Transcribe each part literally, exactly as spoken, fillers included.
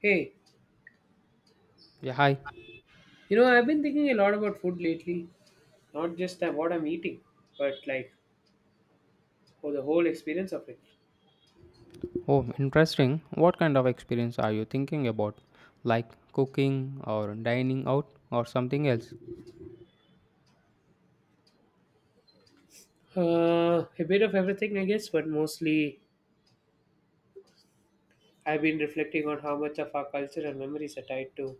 Hey, Yeah, hi. you know, I've been thinking a lot about food lately. Not just that what I'm eating, but like for the whole experience of it. Oh, interesting. What kind of experience are you thinking about? Like cooking or dining out or something else? Uh, a bit of everything, I guess, but mostly I've been reflecting on how much of our culture and memories are tied to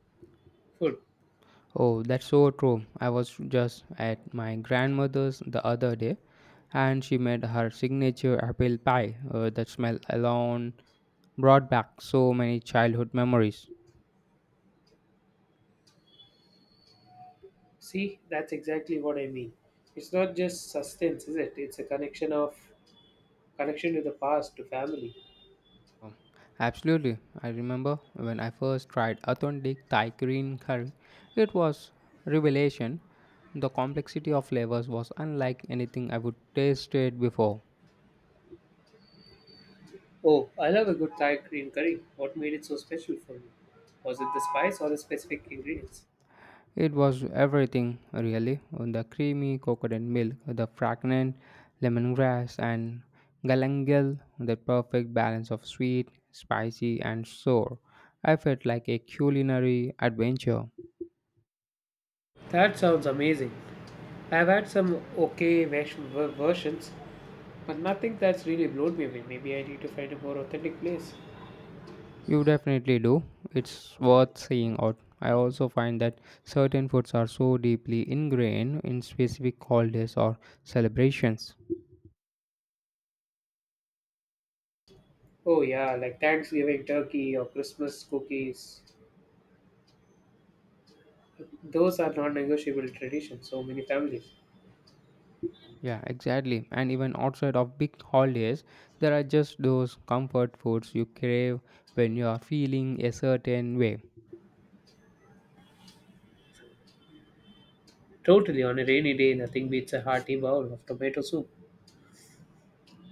food. Oh, that's so true. I was just at my grandmother's the other day and she made her signature apple pie. Uh, that smell alone brought back so many childhood memories. See, that's exactly what I mean. It's not just sustenance, is it? It's a connection of connection to the past, to family. Absolutely. I remember when I first tried authentic Thai green curry. It was revelation. The complexity of flavors was unlike anything I would tasted before. Oh, I love a good Thai green curry. What made it so special for me? Was it the spice or the specific ingredients? It was everything really. The creamy coconut milk, the fragrant lemongrass and galangal, the perfect balance of sweet, spicy and sour. I felt like a culinary adventure. That sounds amazing. I've had some okay vers- ver- versions, but nothing that's really blown me away. Maybe I need to find a more authentic place. You definitely do. It's worth seeing out. I also find that certain foods are so deeply ingrained in specific holidays or celebrations. Oh, yeah, like Thanksgiving turkey or Christmas cookies. Those are non negotiable traditions, so many families. Yeah, exactly. And even outside of big holidays, there are just those comfort foods you crave when you are feeling a certain way. Totally, on a rainy day, nothing beats a hearty bowl of tomato soup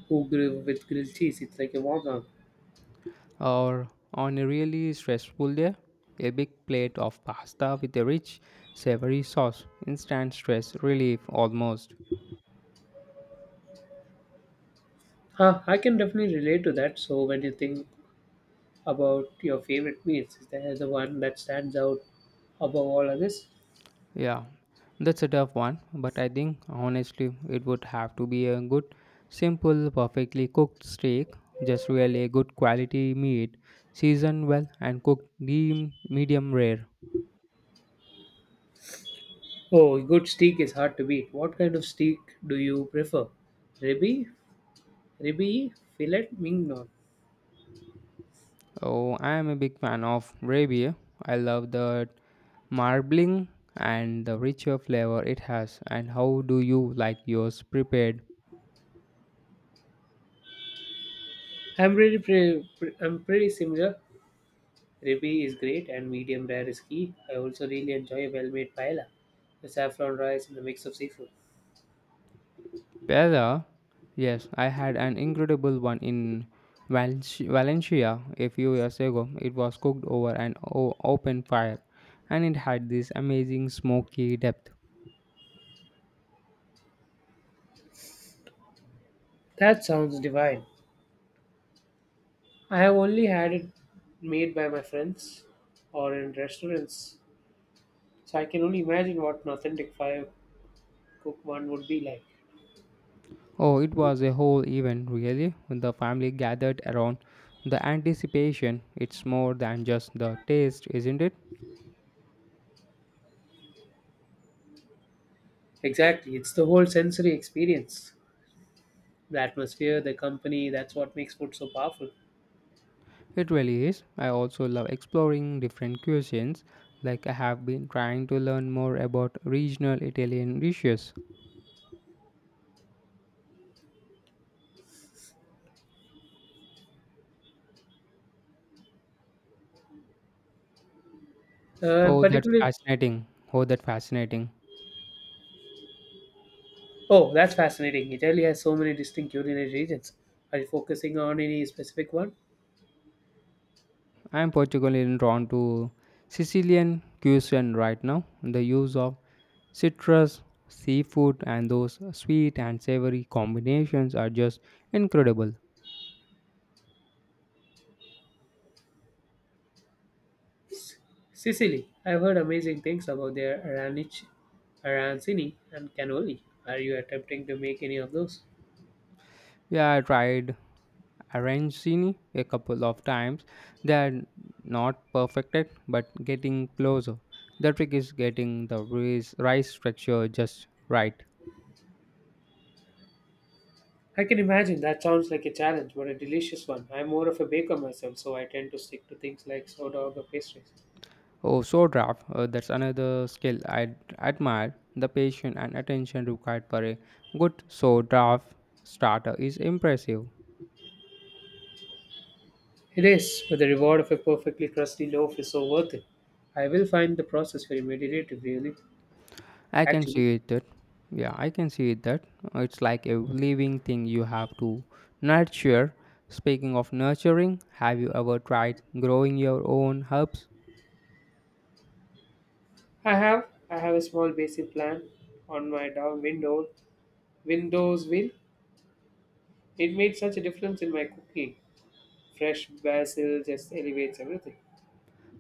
who grill with grilled cheese. It's like a warm hug. Or on a really stressful day, a big plate of pasta with a rich, savory sauce, instant stress relief almost. Huh, I can definitely relate to that. So, when you think about your favorite meals, is there the one that stands out above all others? Yeah, that's a tough one, but I think honestly it would have to be a good, simple, perfectly cooked steak, just really a good quality meat, seasoned well and cooked deem medium rare. Oh, good steak is hard to beat. What kind of steak do you prefer? Ribeye, ribeye, fillet, mignon. Oh, I am a big fan of Rabia. I love the marbling and the richer flavor it has. And how do you like yours prepared? I'm really pre- pre- I'm pretty similar. Ribeye is great and medium rare is key. I also really enjoy a well-made paella, the saffron rice and the mix of seafood. Pizza? Yes, I had an incredible one in Valenci- Valencia a few years ago. It was cooked over an o- open fire and it had this amazing smoky depth. That sounds divine. I have only had it made by my friends or in restaurants, so I can only imagine what an authentic fire cook one would be like. Oh, it was a whole event, really. The family gathered around the anticipation. It's more than just the taste, isn't it? Exactly, it's the whole sensory experience, the atmosphere, the company. That's what makes food so powerful. It really is. I also love exploring different cuisines. Like, I have been trying to learn more about regional Italian dishes. Uh, Oh, that's Particularly, fascinating. Oh, that's fascinating. oh, that's fascinating. Italy has so many distinct culinary regions. Are you focusing on any specific one? I'm particularly drawn to Sicilian cuisine right now. The use of citrus, seafood, and those sweet and savory combinations are just incredible. Sicily. I've heard amazing things about their aranic, arancini, and cannoli. Are you attempting to make any of those? Yeah, I tried arancini a couple of times. They are not perfected, but getting closer. The trick is getting the rice, rice texture just right. I can imagine that sounds like a challenge, but a delicious one. I'm more of a baker myself, so I tend to stick to things like sourdough or pastries. Oh, so draft. Uh, that's another skill I admire. The patience and attention required for a good so draft starter is impressive. It is, but the reward of a perfectly crusty loaf is so worth it. I will find the process very meditative, really. I can Actually, see it. That, yeah, I can see it. That Uh, it's like a living thing you have to nurture. Speaking of nurturing, have you ever tried growing your own herbs? I have I have a small basic plan on my down window Windows wheel. It made such a difference in my cooking. Fresh basil just elevates everything.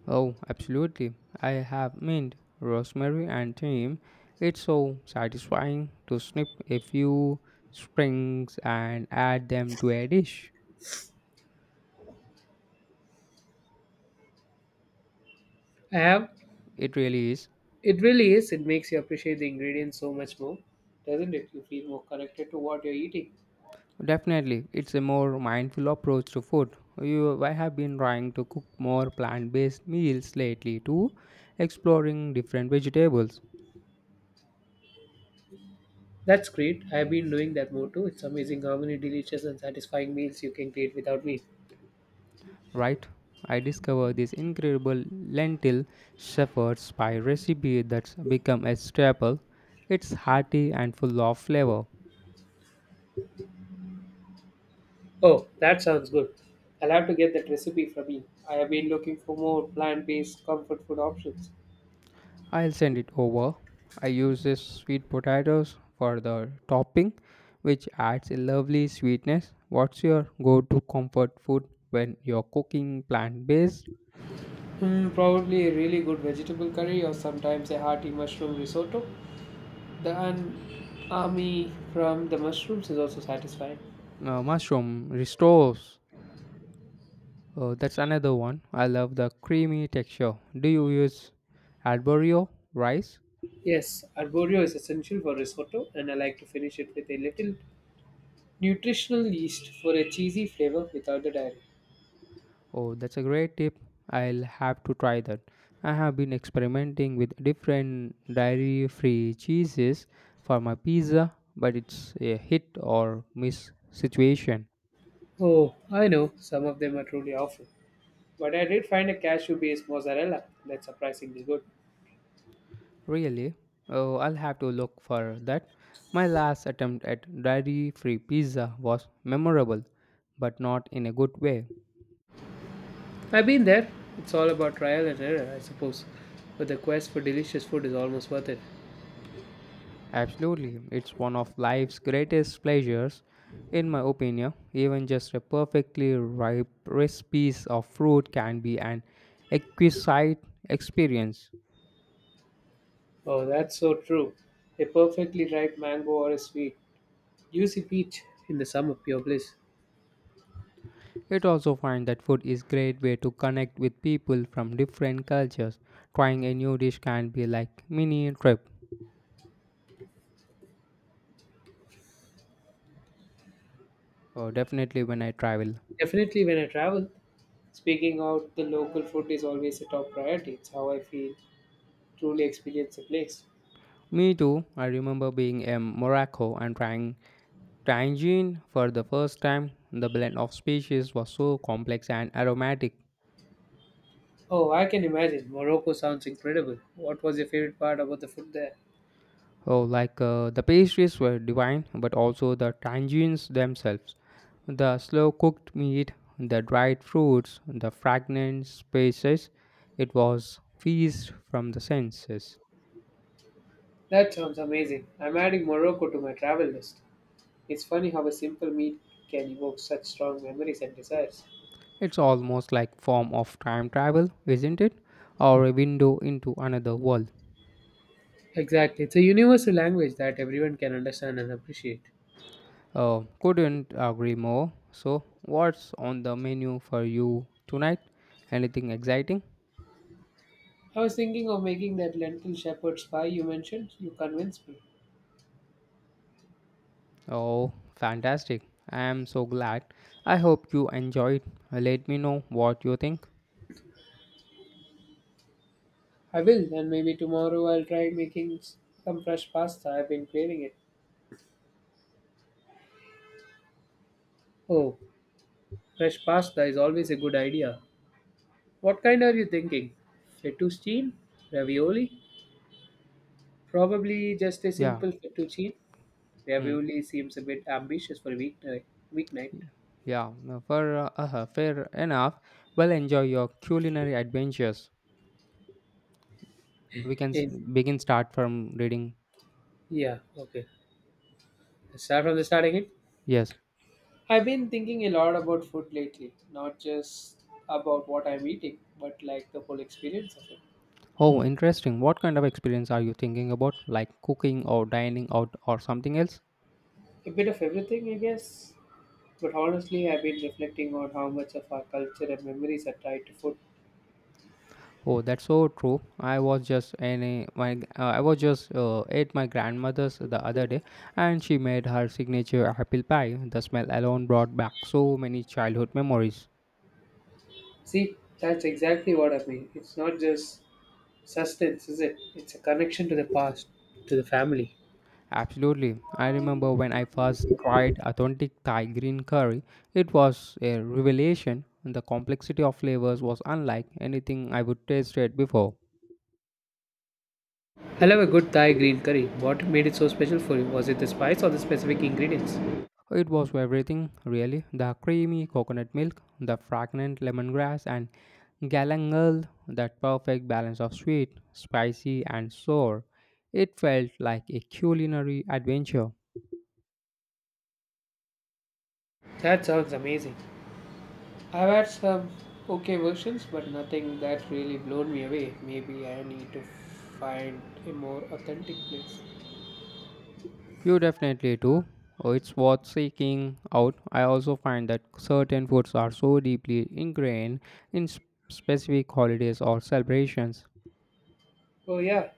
Oh, absolutely. I have mint, rosemary, and thyme. It's so satisfying to snip a few strings and add them to a dish. I have. It really is. It really is. It makes you appreciate the ingredients so much more, doesn't it? You feel more connected to what you're eating. Definitely, it's a more mindful approach to food. You, I have been trying to cook more plant based meals lately too, exploring different vegetables. That's great. I've been doing that more too. It's amazing how many delicious and satisfying meals you can create without meat. Right? I discovered this incredible lentil shepherd's pie recipe that's become a staple. It's hearty and full of flavor. Oh, that sounds good. I'll have to get that recipe from you. I have been looking for more plant based comfort food options. I'll send it over. I use this sweet potatoes for the topping, which adds a lovely sweetness. What's your go-to comfort food when you're cooking plant-based? Hmm, probably a really good vegetable curry or sometimes a hearty mushroom risotto. The umami from the mushrooms is also satisfying. Uh, mushroom ristos. Uh, that's another one. I love the creamy texture. Do you use arborio rice? Yes, arborio is essential for risotto, and I like to finish it with a little nutritional yeast for a cheesy flavor without the dairy. Oh, that's a great tip. I'll have to try that. I have been experimenting with different dairy free cheeses for my pizza, but it's a hit or miss situation. Oh, I know, some of them are truly awful. But I did find a cashew based mozzarella that's surprisingly good. Really? Oh, I'll have to look for that. My last attempt at dairy free pizza was memorable, but not in a good way. I've been there. It's all about trial and error, I suppose. But the quest for delicious food is almost worth it. Absolutely, it's one of life's greatest pleasures, in my opinion. Even just a perfectly ripe, crisp piece of fruit can be an exquisite experience. Oh, that's so true. A perfectly ripe mango or a sweet, juicy peach in the sum of pure bliss. It also finds that food is great way to connect with people from different cultures. Trying a new dish can be like mini trip. Oh, definitely when I travel. Definitely, when I travel, speaking out the local food is always a top priority. It's how I feel truly experience a place. Me too. I remember being in Morocco and trying tangine for the first time. The blend of species was so complex and aromatic. Oh, I can imagine. Morocco sounds incredible. What was your favorite part about the food there? Oh, like uh, the pastries were divine, but also the tangines themselves. The slow cooked meat, the dried fruits, the fragrant spices. It was feast from the senses. That sounds amazing. I'm adding Morocco to my travel list. It's funny how a simple meal can evoke such strong memories and desires. It's almost like form of time travel, isn't it? Or a window into another world. Exactly. It's a universal language that everyone can understand and appreciate. Uh, couldn't agree more. So, what's on the menu for you tonight? Anything exciting? I was thinking of making that lentil shepherd's pie you mentioned. You convinced me. Oh, fantastic. I am so glad. I hope you enjoyed. Let me know what you think. I will, and maybe tomorrow I'll try making s- some fresh pasta. I've been craving it. Oh, fresh pasta is always a good idea. What kind are you thinking? Fettuccine? Ravioli? Probably just a Yeah. simple fettuccine. Hmm. Ravioli seems a bit ambitious for a weeknight. Weeknight. Yeah, no, for uh, uh, fair enough. Well, enjoy your culinary adventures. We can s- In Begin start from reading. Yeah, okay. Start from the start again. Yes. I've been thinking a lot about food lately, not just about what I'm eating, but like the whole experience of it. Oh, interesting. What kind of experience are you thinking about? Like cooking or dining out or something else? A bit of everything, I guess. But honestly, I've been reflecting on how much of our culture and memories are tied to food. Oh, that's so true. I was just in a, my uh, I was just uh, at my grandmother's the other day, and she made her signature apple pie. The smell alone brought back so many childhood memories. See, that's exactly what I mean. It's not just sustenance, is it? It's a connection to the past, to the family. Absolutely, I remember when I first tried authentic Thai green curry. It was a revelation. The complexity of flavors was unlike anything I would tasted before. I love a good Thai green curry. What made it so special for you? Was it the spice or the specific ingredients? It was everything, really the creamy coconut milk, the fragrant lemongrass, and galangal, that perfect balance of sweet, spicy, and sour. It felt like a culinary adventure. That sounds amazing. I've had some okay versions, but nothing that's really blown me away. Maybe I need to find a more authentic place. You definitely do. Oh, it's worth seeking out. I also find that certain foods are so deeply ingrained in s- specific holidays or celebrations. Oh, yeah,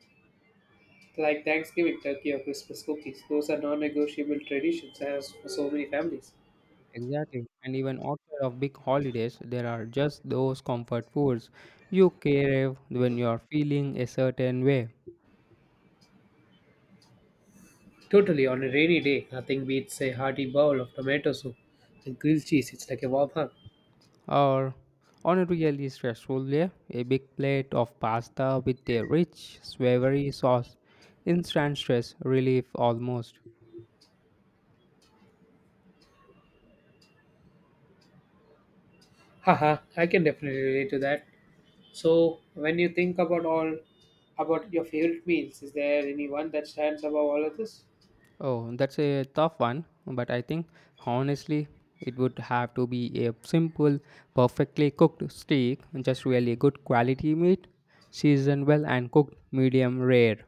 like Thanksgiving turkey or Christmas cookies. Those are non negotiable traditions as for so many families. Exactly. And even outside of big holidays, there are just those comfort foods you crave when you are feeling a certain way. Totally, on a rainy day, nothing beats a hearty bowl of tomato soup and grilled cheese. It's like a warm hug. Or on a really stressful day, a big plate of pasta with a rich, savory sauce. Instant stress relief almost. Haha, I can definitely relate to that. So, when you think about all about your favorite meals, is there any one that stands above all others? Oh, that's a tough one, but I think honestly, it would have to be a simple, perfectly cooked steak, just really good quality meat, seasoned well and cooked medium rare.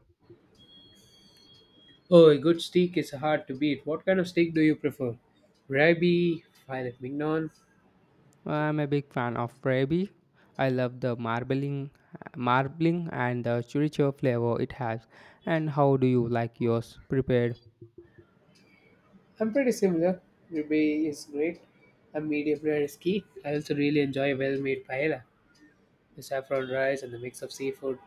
Oh, a good steak is hard to beat. What kind of steak do you prefer? Ribeye, filet mignon. I'm a big fan of Freebie. I love the marbling, marbling and the chimichurri flavor it has. And how do you like yours prepared? I'm pretty similar. Ribeye is great. A medium rare is key. I also really enjoy a well-made paella, the saffron rice and the mix of seafood.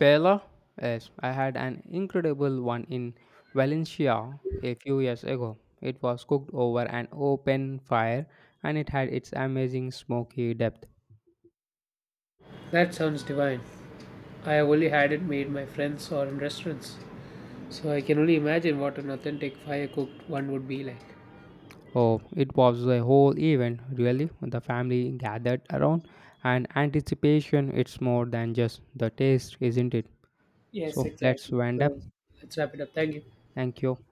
Paella? Yes, I had an incredible one in Valencia a few years ago. It was cooked over an open fire and it had its amazing smoky depth. That sounds divine. I have only had it made by friends or in restaurants, so I can only imagine what an authentic fire-cooked one would be like. Oh, it was a whole event, really. The family gathered around, and anticipation it's more than just the taste, isn't it? Yes, So let's exactly. wind up. So let's wrap it up. Thank you. Thank you.